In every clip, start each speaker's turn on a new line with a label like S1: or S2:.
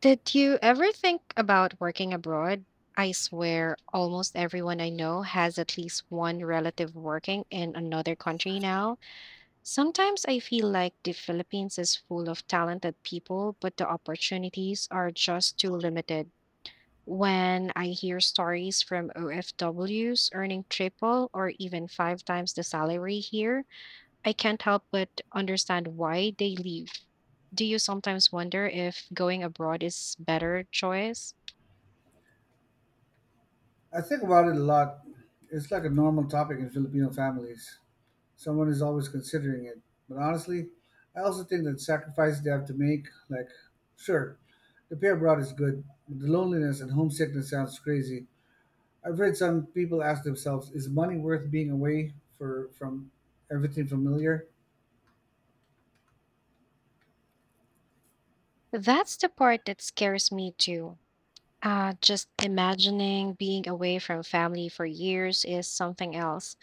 S1: Did you ever think about working abroad? I swear, almost everyone I know has at least one relative working in another country now. Sometimes I feel like the Philippines is full of talented people, but the opportunities are just too limited. When I hear stories from OFWs earning triple or even five times the salary here, I can't help but understand why they leave. Do you sometimes wonder if going abroad is better choice?
S2: I think about it a lot. It's like a normal topic in Filipino families. Someone is always considering it. But honestly, I also think that sacrifices they have to make, like, sure, the pay abroad is good, but the loneliness and homesickness sounds crazy. I've heard some people ask themselves, is money worth being away for from everything familiar?
S1: That's the part that scares me too. Just imagining being away from family for years is something else.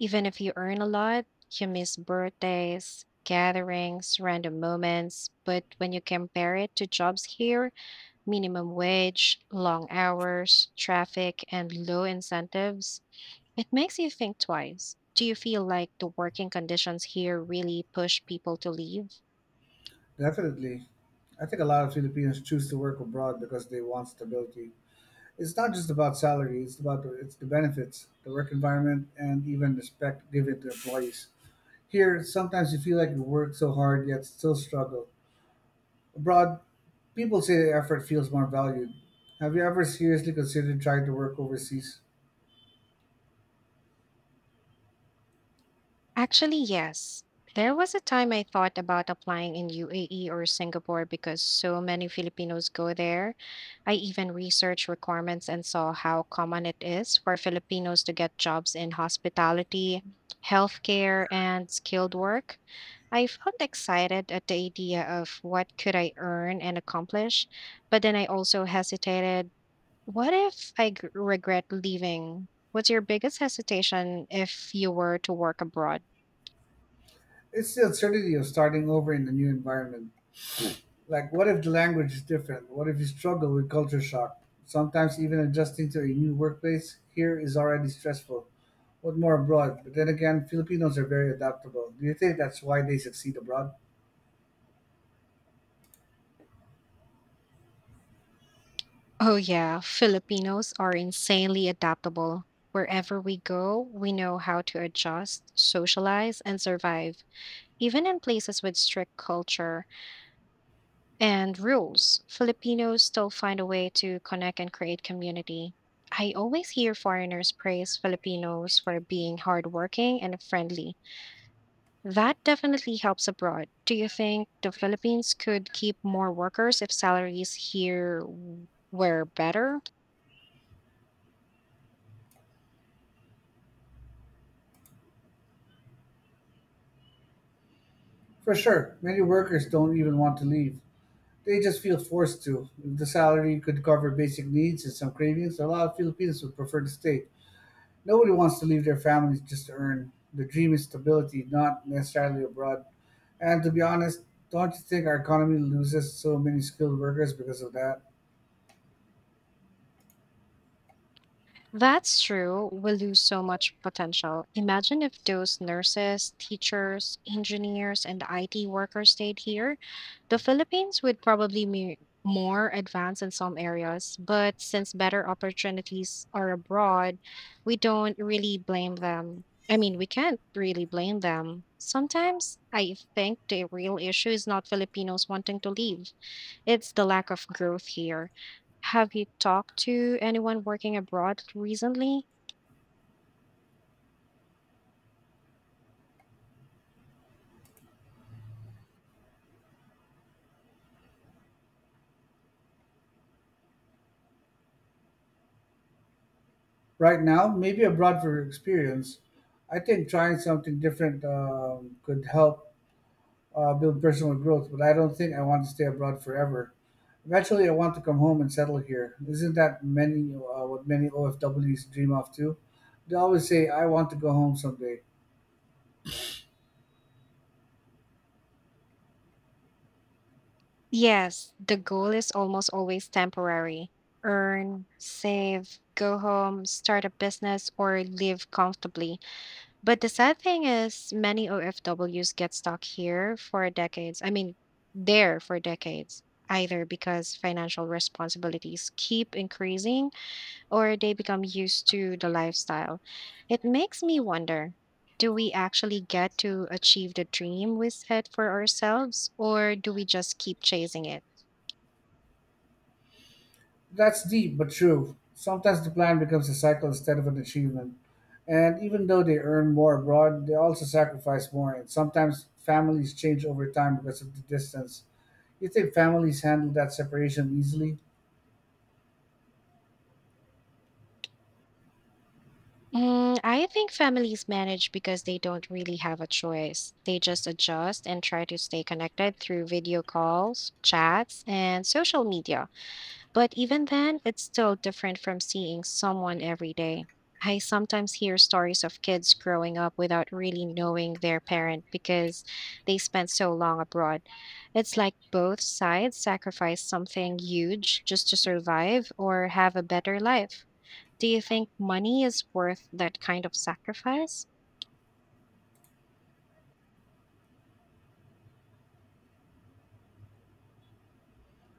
S1: Even if you earn a lot, you miss birthdays, gatherings, random moments. But when you compare it to jobs here, minimum wage, long hours, traffic, and low incentives, it makes you think twice. Do you feel like the working conditions here really push people to leave?
S2: Definitely. I think a lot of Filipinos choose to work abroad because they want stability. It's not just about salary, it's about the, it's the benefits, the work environment, and even the respect given to employees. Here sometimes you feel like you work so hard yet still struggle. Abroad, people say the effort feels more valued. Have you ever seriously considered trying to work overseas?
S1: Actually, yes. There was a time I thought about applying in UAE or Singapore because so many Filipinos go there. I even researched requirements and saw how common it is for Filipinos to get jobs in hospitality, healthcare, and skilled work. I felt excited at the idea of what could I earn and accomplish, but then I also hesitated. What if regret leaving? What's your biggest hesitation if you were to work abroad?
S2: It's the uncertainty of starting over in a new environment. Like, what if the language is different? What if you struggle with culture shock? Sometimes even adjusting to a new workplace here is already stressful, but more abroad. But then again, Filipinos are very adaptable. Do you think that's why they succeed abroad?
S1: Oh, yeah. Filipinos are insanely adaptable. Wherever we go, we know how to adjust, socialize, and survive. Even in places with strict culture and rules, Filipinos still find a way to connect and create community. I always hear foreigners praise Filipinos for being hardworking and friendly. That definitely helps abroad. Do you think the Philippines could keep more workers if salaries here were better?
S2: For sure, many workers don't even want to leave. They just feel forced to. If the salary could cover basic needs and some cravings, a lot of Filipinos would prefer to stay. Nobody wants to leave their families just to earn. The dream is stability, not necessarily abroad. And to be honest, don't you think our economy loses so many skilled workers because of that?
S1: That's true. We lose so much potential. Imagine if those nurses, teachers, engineers, and IT workers stayed here. The Philippines would probably be more advanced in some areas, but since better opportunities are abroad, we don't really blame them. I mean, we can't really blame them. Sometimes I think the real issue is not Filipinos wanting to leave. It's the lack of growth here. Have you talked to anyone working abroad recently?
S2: Right now, maybe abroad for experience, I think trying something different could help build personal growth, but I don't think I want to stay abroad forever. Eventually, I want to come home and settle here. Isn't that many what many OFWs dream of too? They always say, "I want to go home someday."
S1: Yes, the goal is almost always temporary. Earn, save, go home, start a business, or live comfortably. But the sad thing is, many OFWs get stuck here for decades. I mean, there for decades, either because financial responsibilities keep increasing or they become used to the lifestyle. It makes me wonder, do we actually get to achieve the dream we set for ourselves, or do we just keep chasing it?
S2: That's deep but true. Sometimes the plan becomes a cycle instead of an achievement. And even though they earn more abroad, they also sacrifice more. And sometimes families change over time because of the distance. You think families handle that separation easily?
S1: Mm, I think families manage because they don't really have a choice. They just adjust and try to stay connected through video calls, chats, and social media. But even then, it's still different from seeing someone every day. I sometimes hear stories of kids growing up without really knowing their parent because they spent so long abroad. It's like both sides sacrifice something huge just to survive or have a better life. Do you think money is worth that kind of sacrifice?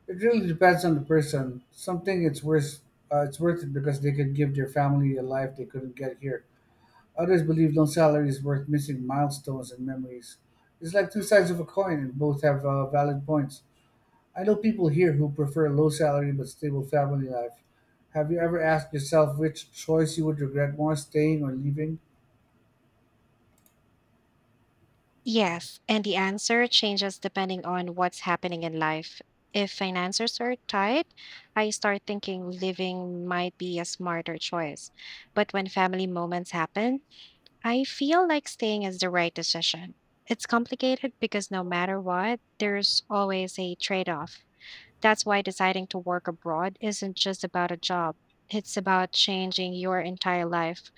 S2: It really depends on the person. Something it's worth, it's worth it because they could give their family a life they couldn't get here. Others believe no salary is worth missing milestones and memories. It's like two sides of a coin, and both have valid points. I know people here who prefer a low salary but stable family life. Have you ever asked yourself which choice you would regret more, staying or leaving?
S1: Yes, and the answer changes depending on what's happening in life. If finances are tight, I start thinking living might be a smarter choice. But when family moments happen, I feel like staying is the right decision. It's complicated because no matter what, there's always a trade off. That's why deciding to work abroad isn't just about a job, it's about changing your entire life.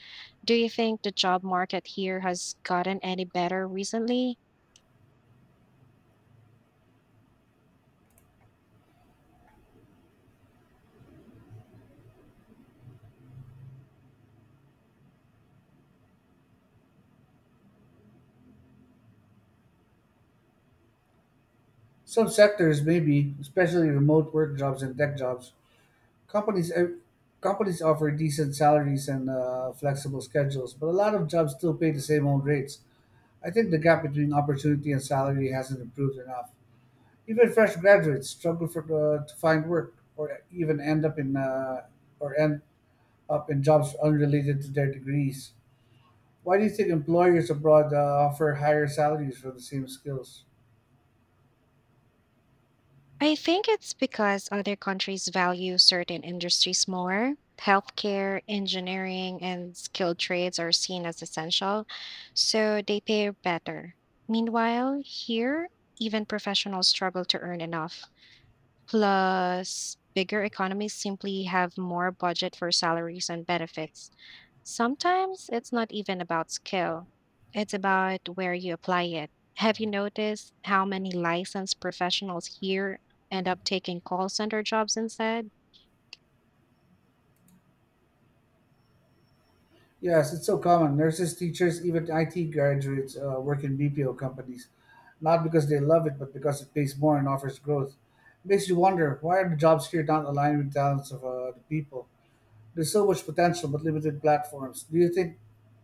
S1: Do you think the job market here has gotten any better recently?
S2: Some sectors, maybe, especially remote work jobs and tech jobs. Companies ev- Companies offer decent salaries and flexible schedules, but a lot of jobs still pay the same old rates. I think the gap between opportunity and salary hasn't improved enough. Even fresh graduates struggle for to find work, or even end up in jobs unrelated to their degrees. Why do you think employers abroad offer higher salaries for the same skills?
S1: I think it's because other countries value certain industries more. Healthcare, engineering, and skilled trades are seen as essential, so they pay better. Meanwhile, here, even professionals struggle to earn enough. Plus, bigger economies simply have more budget for salaries and benefits. Sometimes it's not even about skill, it's about where you apply it. Have you noticed how many licensed professionals here end up taking call center jobs instead?
S2: Yes, it's so common. Nurses, teachers, even IT graduates work in BPO companies, not because they love it, but because it pays more and offers growth. It makes you wonder, why are the jobs here not aligned with the talents of the people? There's so much potential, but limited platforms. Do you think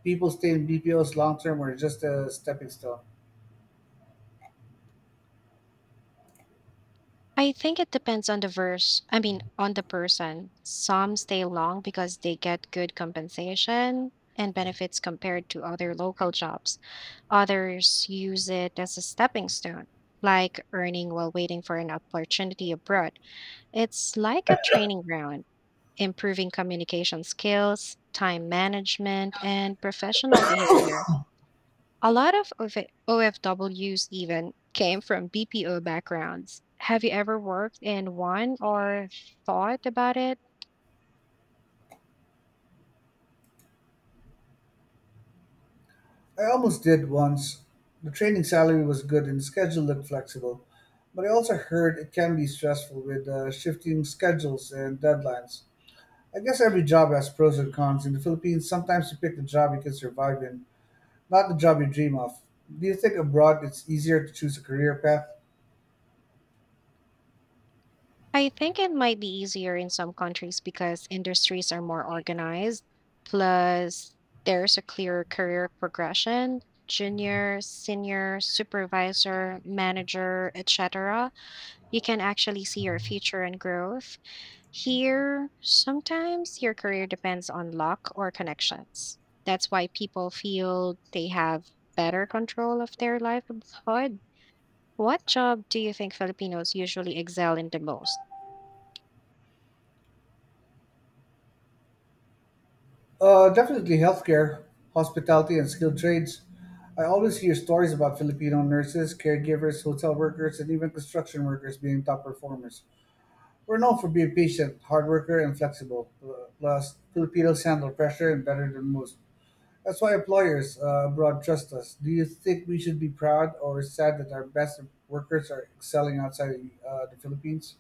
S2: people stay in BPOs long term or just a stepping stone?
S1: I think it depends on the verse, I mean, on the person. Some stay long because they get good compensation and benefits compared to other local jobs. Others use it as a stepping stone, like earning while waiting for an opportunity abroad. It's like a training ground, improving communication skills, time management, and professional behavior. A lot of OFWs even came from BPO backgrounds. Have you ever worked in one or thought about it?
S2: I almost did once. The training salary was good and the schedule looked flexible, but I also heard it can be stressful with shifting schedules and deadlines. I guess every job has pros and cons. In the Philippines, sometimes you pick the job you can survive in, not the job you dream of. Do you think abroad it's easier to choose a career path?
S1: I think it might be easier in some countries because industries are more organized. Plus, there's a clear career progression, junior, senior, supervisor, manager, etc. You can actually see your future and growth. Here, sometimes your career depends on luck or connections. That's why people feel they have better control of their livelihood. What job do you think Filipinos usually excel in the most?
S2: Definitely healthcare, hospitality, and skilled trades. I always hear stories about Filipino nurses, caregivers, hotel workers, and even construction workers being top performers. We're known for being patient, hard worker, and flexible. Plus, Filipinos handle pressure and better than most. That's why employers abroad trust us. Do you think we should be proud or sad that our best workers are excelling outside the Philippines?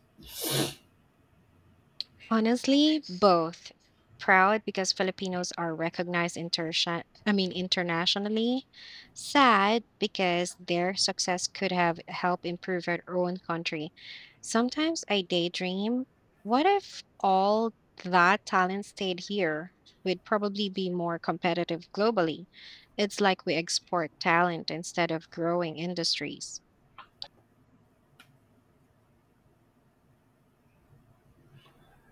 S1: Honestly, both. Proud because Filipinos are recognized I mean internationally. Sad because their success could have helped improve our own country. Sometimes I daydream, what if all that talent stayed here? We'd probably be more competitive globally. It's like we export talent instead of growing industries.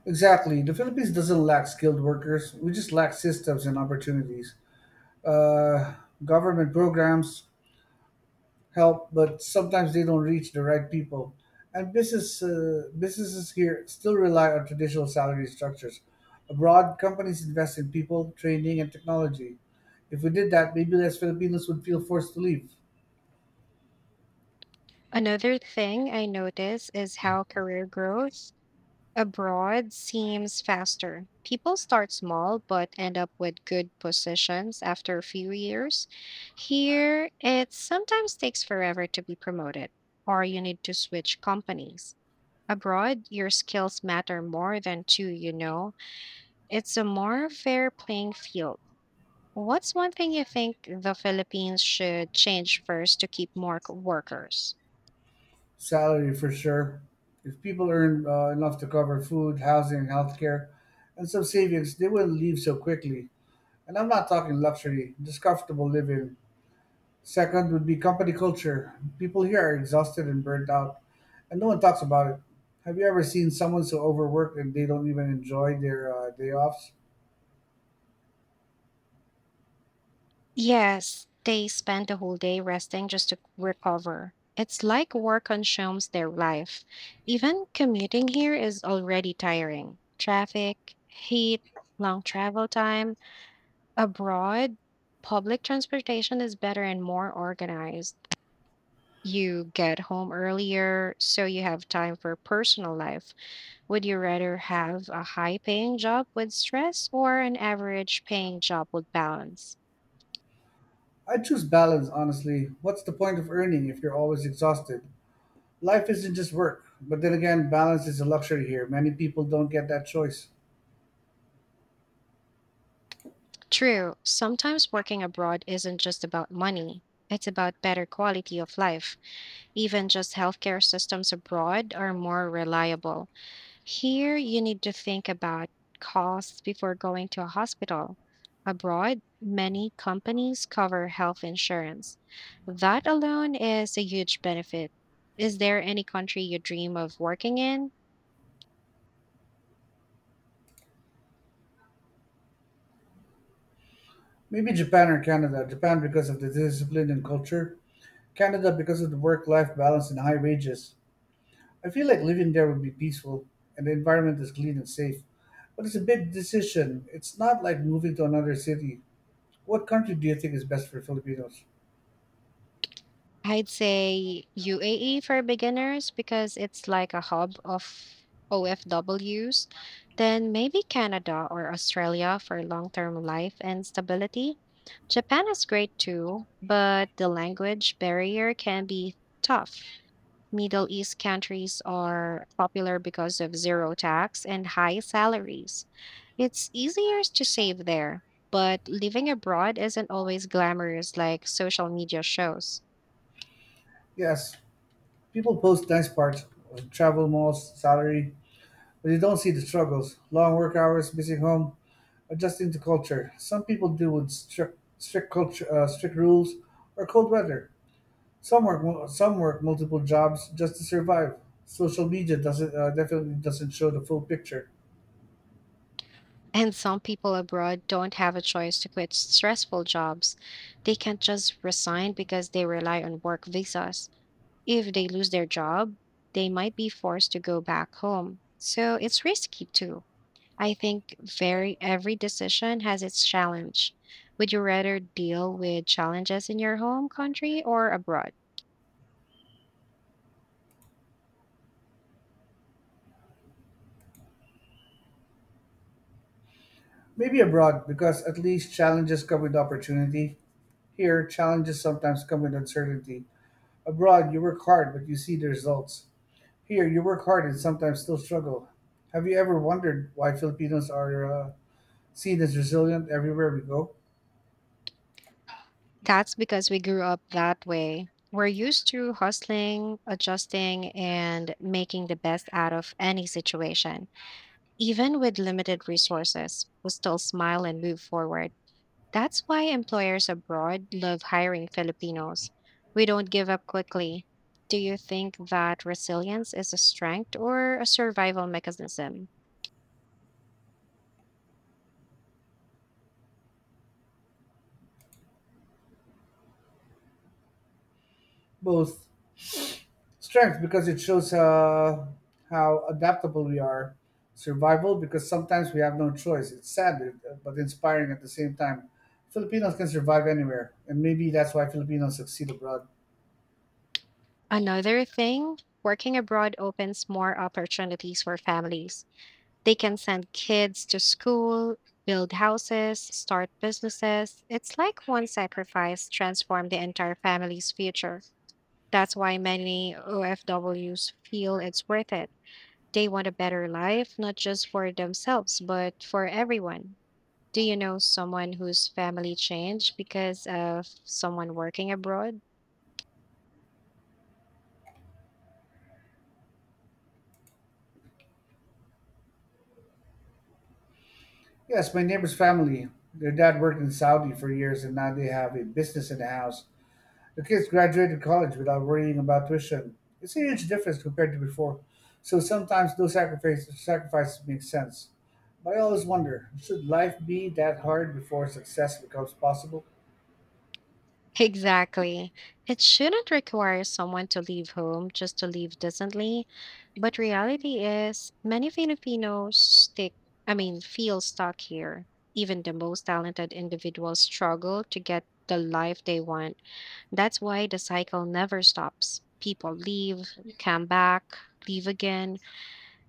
S2: Exactly. The Philippines doesn't lack skilled workers. We just lack systems and opportunities. Uh, Government programs help, but sometimes they don't reach the right people. And businesses here still rely on traditional salary structures. Abroad, companies invest in people, training, and technology. If we did that, maybe less Filipinos would feel forced to leave.
S1: Another thing I notice is how career growth abroad seems faster. People start small but end up with good positions after a few years. Here, it sometimes takes forever to be promoted, or you need to switch companies. Abroad, your skills matter more than two, you know. It's a more fair playing field. What's one thing you think the Philippines should change first to keep more workers?
S2: Salary for sure. If people earn enough to cover food, housing, healthcare, and some savings, they will leave so quickly. And I'm not talking luxury, just comfortable living. Second would be company culture. People here are exhausted and burnt out, and no one talks about it. Have you ever seen someone so overworked and they don't even enjoy their day offs?
S1: Yes, they spend the whole day resting just to recover. It's like work consumes their life. Even commuting here is already tiring. Traffic, heat, long travel time. Abroad, public transportation is better and more organized. You get home earlier, so you have time for personal life. Would you rather have a high paying job with stress or an average paying job with balance?
S2: I choose balance, honestly. What's the point of earning if you're always exhausted? Life isn't just work. But then again, balance is a luxury here. Many people don't get that choice.
S1: True, sometimes working abroad isn't just about money. It's about better quality of life. Even just healthcare systems abroad are more reliable. Here, you need to think about costs before going to a hospital. Abroad, many companies cover health insurance. That alone is a huge benefit. Is there any country you dream of working in?
S2: Maybe Japan or Canada. Japan because of the discipline and culture. Canada because of the work-life balance and high wages. I feel like living there would be peaceful and the environment is clean and safe. But it's a big decision. It's not like moving to another city. What country do you think is best for Filipinos?
S1: I'd say UAE for beginners because it's like a hub of OFWs. Then maybe Canada or Australia for long term life and stability. Japan is great too, but the language barrier can be tough. Middle East countries are popular because of zero tax and high salaries. It's easier to save there, but living abroad isn't always glamorous like social media shows.
S2: Yes, people post nice parts of travel, malls, salary, but you don't see the struggles. Long work hours, missing home, adjusting to culture. Some people deal with strict rules, or cold weather. Some work multiple jobs just to survive. Social media doesn't definitely doesn't show the full picture.
S1: And some people abroad don't have a choice to quit stressful jobs. They can't just resign because they rely on work visas. If they lose their job, they might be forced to go back home. So it's risky too. I think very every decision has its challenge. Would you rather deal with challenges in your home country or abroad?
S2: Maybe abroad because at least challenges come with opportunity. Here, challenges sometimes come with uncertainty. Abroad, you work hard but you see the results. Here, you work hard and sometimes still struggle. Have you ever wondered why Filipinos are seen as resilient everywhere we go?
S1: That's because we grew up that way. We're used to hustling, adjusting, and making the best out of any situation. Even with limited resources, will still smile and move forward. That's why employers abroad love hiring Filipinos. We don't give up quickly. Do you think that resilience is a strength or a survival mechanism?
S2: Both. Strength because it shows how adaptable we are. Survival because sometimes we have no choice. It's sad but inspiring at the same time. Filipinos can survive anywhere, and maybe that's why Filipinos succeed abroad.
S1: Another thing, working abroad opens more opportunities for families. They can send kids to school, build houses, start businesses. It's like one sacrifice transformed the entire family's future. That's why many OFWs feel it's worth it. They want a better life, not just for themselves, but for everyone. Do you know someone whose family changed because of someone working abroad?
S2: Yes, my neighbor's family. Their dad worked in Saudi for years, and now they have a business and a house. The kids graduated college without worrying about tuition. It's a huge difference compared to before, so sometimes those sacrifices make sense. But I always wonder, should life be that hard before success becomes possible?
S1: Exactly. It shouldn't require someone to leave home just to live decently. But reality is, many Filipinos feel stuck here. Even the most talented individuals struggle to get the life they want. That's why the cycle never stops. People leave, come back, leave again.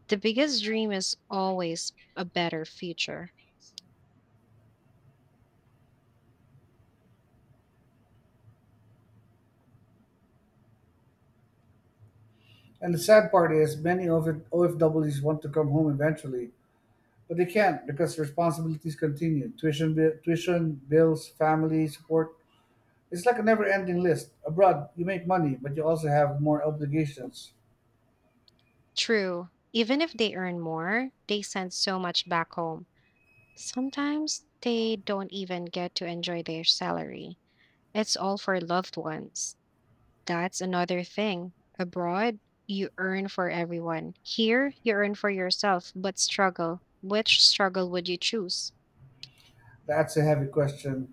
S1: The biggest dream is always a better future.
S2: And the sad part is, many OFWs want to come home eventually, but they can't because responsibilities continue, tuition, tuition bills, family support. It's like a never ending list. Abroad, you make money, but you also have more obligations.
S1: True, even if they earn more, they send so much back home. Sometimes they don't even get to enjoy their salary. It's all for loved ones. That's another thing. Abroad, you earn for everyone. Here, you earn for yourself, but struggle. Which struggle would you choose?
S2: That's a heavy question.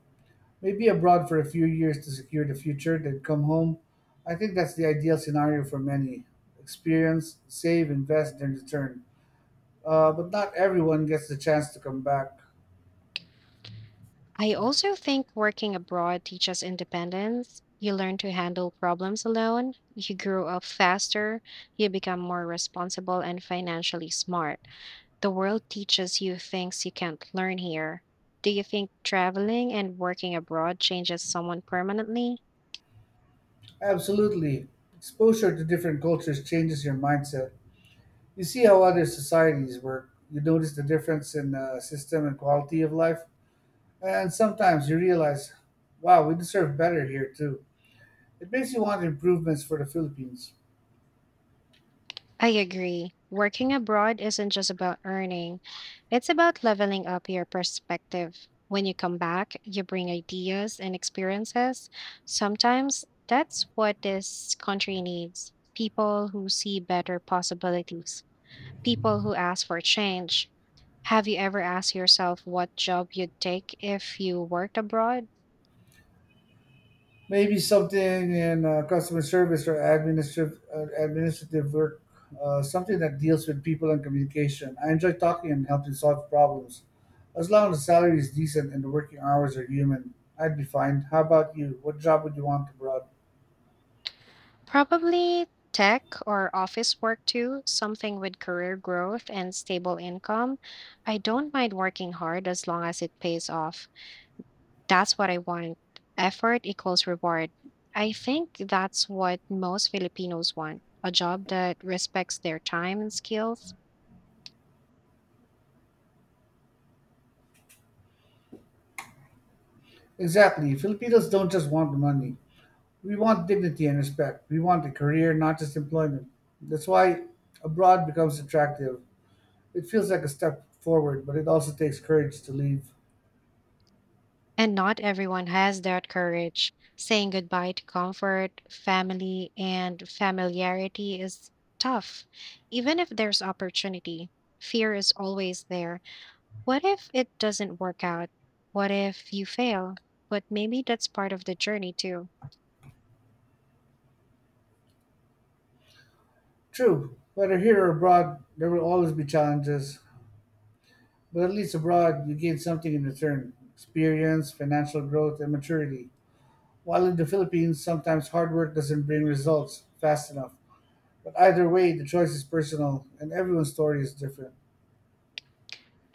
S2: Maybe abroad for a few years to secure the future, then come home. I think that's the ideal scenario for many. Experience, save, invest, then return. But not everyone gets the chance to come back.
S1: I also think working abroad teaches independence. You learn to handle problems alone, you grow up faster, you become more responsible and financially smart. The world teaches you things you can't learn here. Do you think traveling and working abroad changes someone permanently?
S2: Absolutely. Exposure to different cultures changes your mindset. You see how other societies work, you notice the difference in system and quality of life, and sometimes you realize, wow, we deserve better here too. It makes you want improvements for the Philippines.
S1: I agree. Working abroad isn't just about earning, it's about leveling up your perspective. When you come back, you bring ideas and experiences. Sometimes that's what this country needs, people who see better possibilities, people who ask for change. Have you ever asked yourself what job you'd take if you worked abroad?
S2: Maybe something in customer service or administrative work, something that deals with people and communication. I enjoy talking and helping solve problems. As long as the salary is decent and the working hours are human, I'd be fine. How about you? What job would you want abroad?
S1: Probably tech or office work too, something with career growth and stable income. I don't mind working hard as long as it pays off. That's what I want. Effort equals reward. I think that's what most Filipinos want, a job that respects their time and skills.
S2: Exactly. Filipinos don't just want the money. We want dignity and respect. We want a career, not just employment. That's why abroad becomes attractive. It feels like a step forward, but it also takes courage to leave.
S1: And not everyone has that courage. Saying goodbye to comfort, family, and familiarity is tough. Even if there's opportunity, fear is always there. What if it doesn't work out? What if you fail? But maybe that's part of the journey too.
S2: True, whether here or abroad, there will always be challenges, but at least abroad you gain something in return, experience, financial growth, and maturity. While in the Philippines, sometimes hard work doesn't bring results fast enough. But either way, the choice is personal, and everyone's story is different.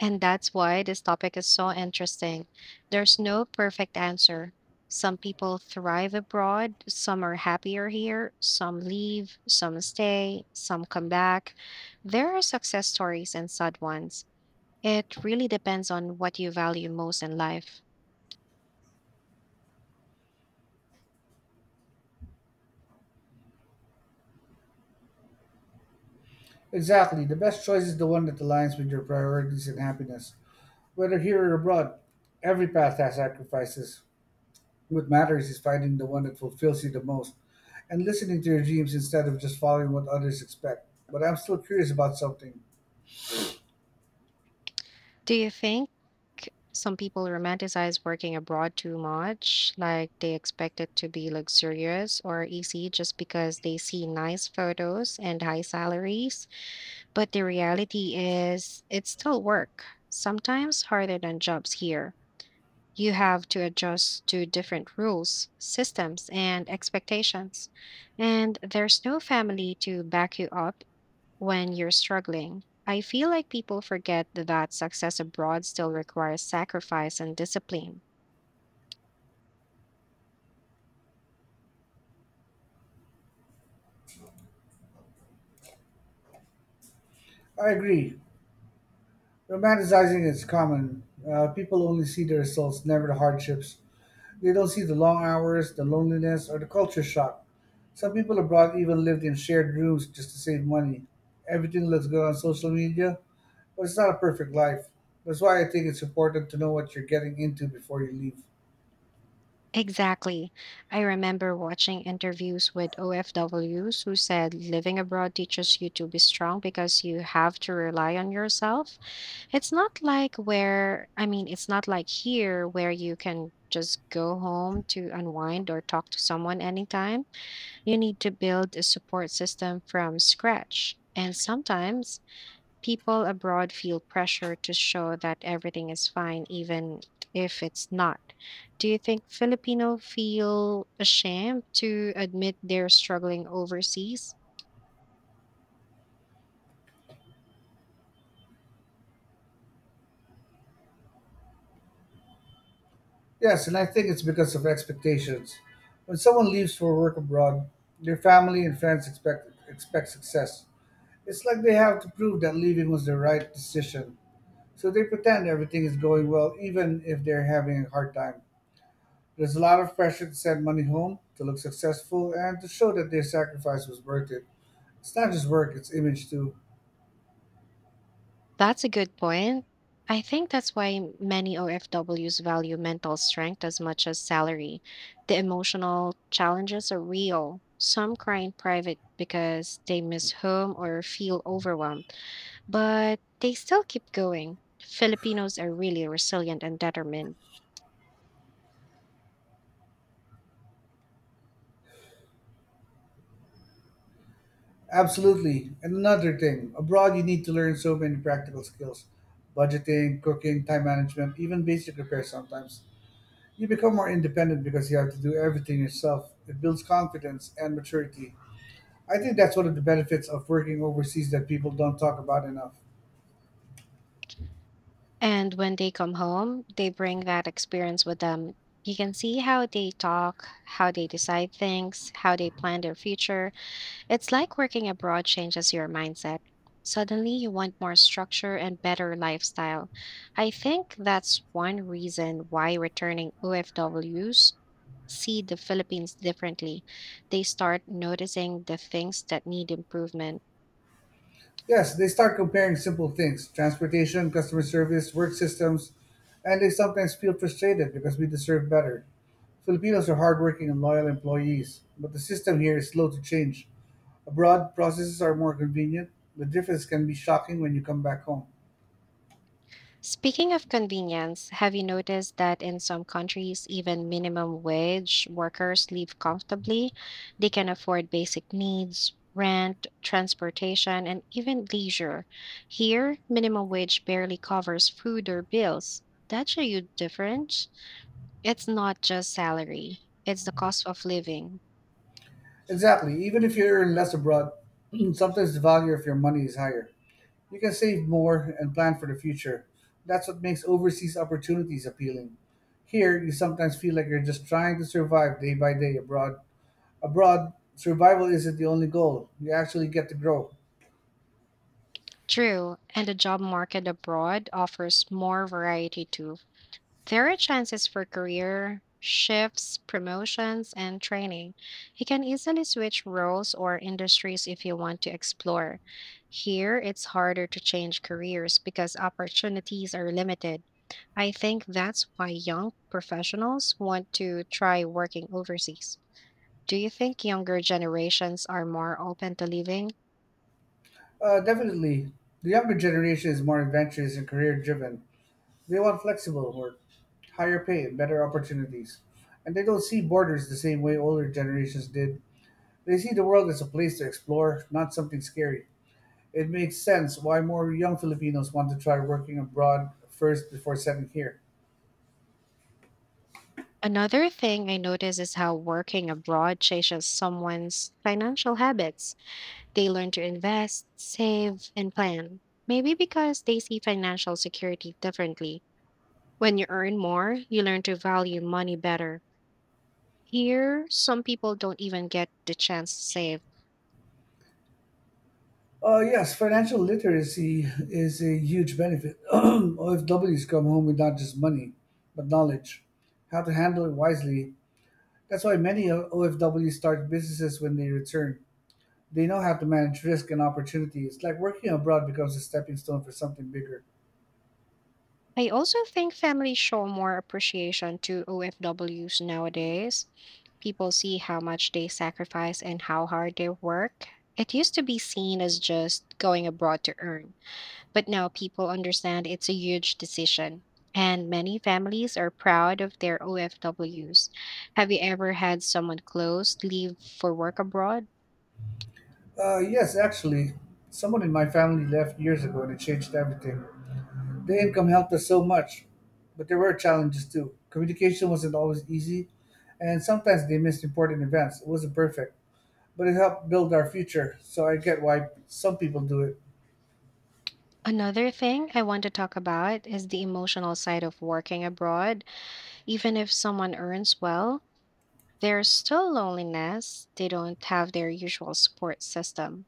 S1: And that's why this topic is so interesting. There's no perfect answer. Some people thrive abroad, some are happier here, some leave, some stay, some come back. There are success stories and sad ones. It really depends on what you value most in life.
S2: Exactly, the best choice is the one that aligns with your priorities and happiness. Whether here or abroad, every path has sacrifices. What matters is finding the one that fulfills you the most, and listening to your dreams instead of just following what others expect. But I'm still curious about something.
S1: Do you think some people romanticize working abroad too much, like they expect it to be luxurious or easy just because they see nice photos and high salaries? But the reality is, it's still work, sometimes harder than jobs here. You have to adjust to different rules, systems, and expectations. And there's no family to back you up when you're struggling. I feel like people forget that success abroad still requires sacrifice and discipline.
S2: I agree. Romanticizing is common. People only see the results, never the hardships. They don't see the long hours, the loneliness, or the culture shock. Some people abroad even lived in shared rooms just to save money. Everything looks good on social media, but it's not a perfect life. That's why I think it's important to know what you're getting into before you leave.
S1: Exactly. I remember watching interviews with OFWs who said living abroad teaches you to be strong because you have to rely on yourself. It's not like here where you can just go home to unwind or talk to someone anytime. You need to build a support system from scratch. And sometimes people abroad feel pressure to show that everything is fine, even if it's not. Do you think Filipino feel ashamed to admit they're struggling overseas?
S2: Yes, and I think it's because of expectations. When someone leaves for work abroad, their family and friends expect success. It's like they have to prove that leaving was the right decision. So they pretend everything is going well even if they're having a hard time. There's a lot of pressure to send money home, to look successful, and to show that their sacrifice was worth it. It's not just work, it's image too.
S1: That's a good point. I think that's why many OFWs value mental strength as much as salary. The emotional challenges are real. Some cry in private because they miss home or feel overwhelmed, but they still keep going. Filipinos are really resilient and determined.
S2: Absolutely. And another thing, abroad you need to learn so many practical skills. Budgeting, cooking, time management, even basic repair sometimes. You become more independent because you have to do everything yourself. It builds confidence and maturity. I think that's one of the benefits of working overseas that people don't talk about enough.
S1: And when they come home, they bring that experience with them. You can see how they talk, how they decide things, how they plan their future. It's like working abroad changes your mindset. Suddenly, you want more structure and better lifestyle. I think that's one reason why returning OFWs see the Philippines differently. They start noticing the things that need improvement.
S2: Yes, they start comparing simple things, transportation, customer service, work systems, and they sometimes feel frustrated because we deserve better. Filipinos are hardworking and loyal employees, but the system here is slow to change. Abroad, processes are more convenient. The difference can be shocking when you come back home.
S1: Speaking of convenience, have you noticed that in some countries, even minimum wage workers live comfortably? They can afford basic needs, rent, transportation, and even leisure. Here, minimum wage barely covers food or bills. That's a huge difference. It's not just salary, it's the cost of living.
S2: Exactly. Even if you earn less abroad, sometimes the value of your money is higher. You can save more and plan for the future. That's what makes overseas opportunities appealing. Here, you sometimes feel like you're just trying to survive day by day abroad. Abroad, survival isn't the only goal. You actually get to grow.
S1: True, and the job market abroad offers more variety too. There are chances for career shifts, promotions, and training. You can easily switch roles or industries if you want to explore. Here, it's harder to change careers because opportunities are limited. I think that's why young professionals want to try working overseas. Do you think younger generations are more open to leaving?
S2: Definitely, the younger generation is more adventurous and career driven. They want flexible work, higher pay, and better opportunities. And they don't see borders the same way older generations did. They see the world as a place to explore, not something scary. It makes sense why more young Filipinos want to try working abroad first before settling here.
S1: Another thing I notice is how working abroad changes someone's financial habits. They learn to invest, save, and plan. Maybe because they see financial security differently. When you earn more, you learn to value money better. Here, some people don't even get the chance to save.
S2: Yes, financial literacy is a huge benefit. OFWs come home with not just money, but knowledge, how to handle it wisely. That's why many OFWs start businesses when they return. They know how to manage risk and opportunity. It's like working abroad becomes a stepping stone for something bigger.
S1: I also think families show more appreciation to OFWs nowadays. People see how much they sacrifice and how hard they work. It used to be seen as just going abroad to earn. But now people understand it's a huge decision, and many families are proud of their OFWs. Have you ever had someone close leave for work abroad?
S2: Yes, actually, someone in my family left years ago and it changed everything. The income helped us so much, but there were challenges too. Communication wasn't always easy, and sometimes they missed important events. It wasn't perfect, but it helped build our future, so I get why some people do it.
S1: Another thing I want to talk about is the emotional side of working abroad. Even if someone earns well, there's still loneliness. They don't have their usual support system.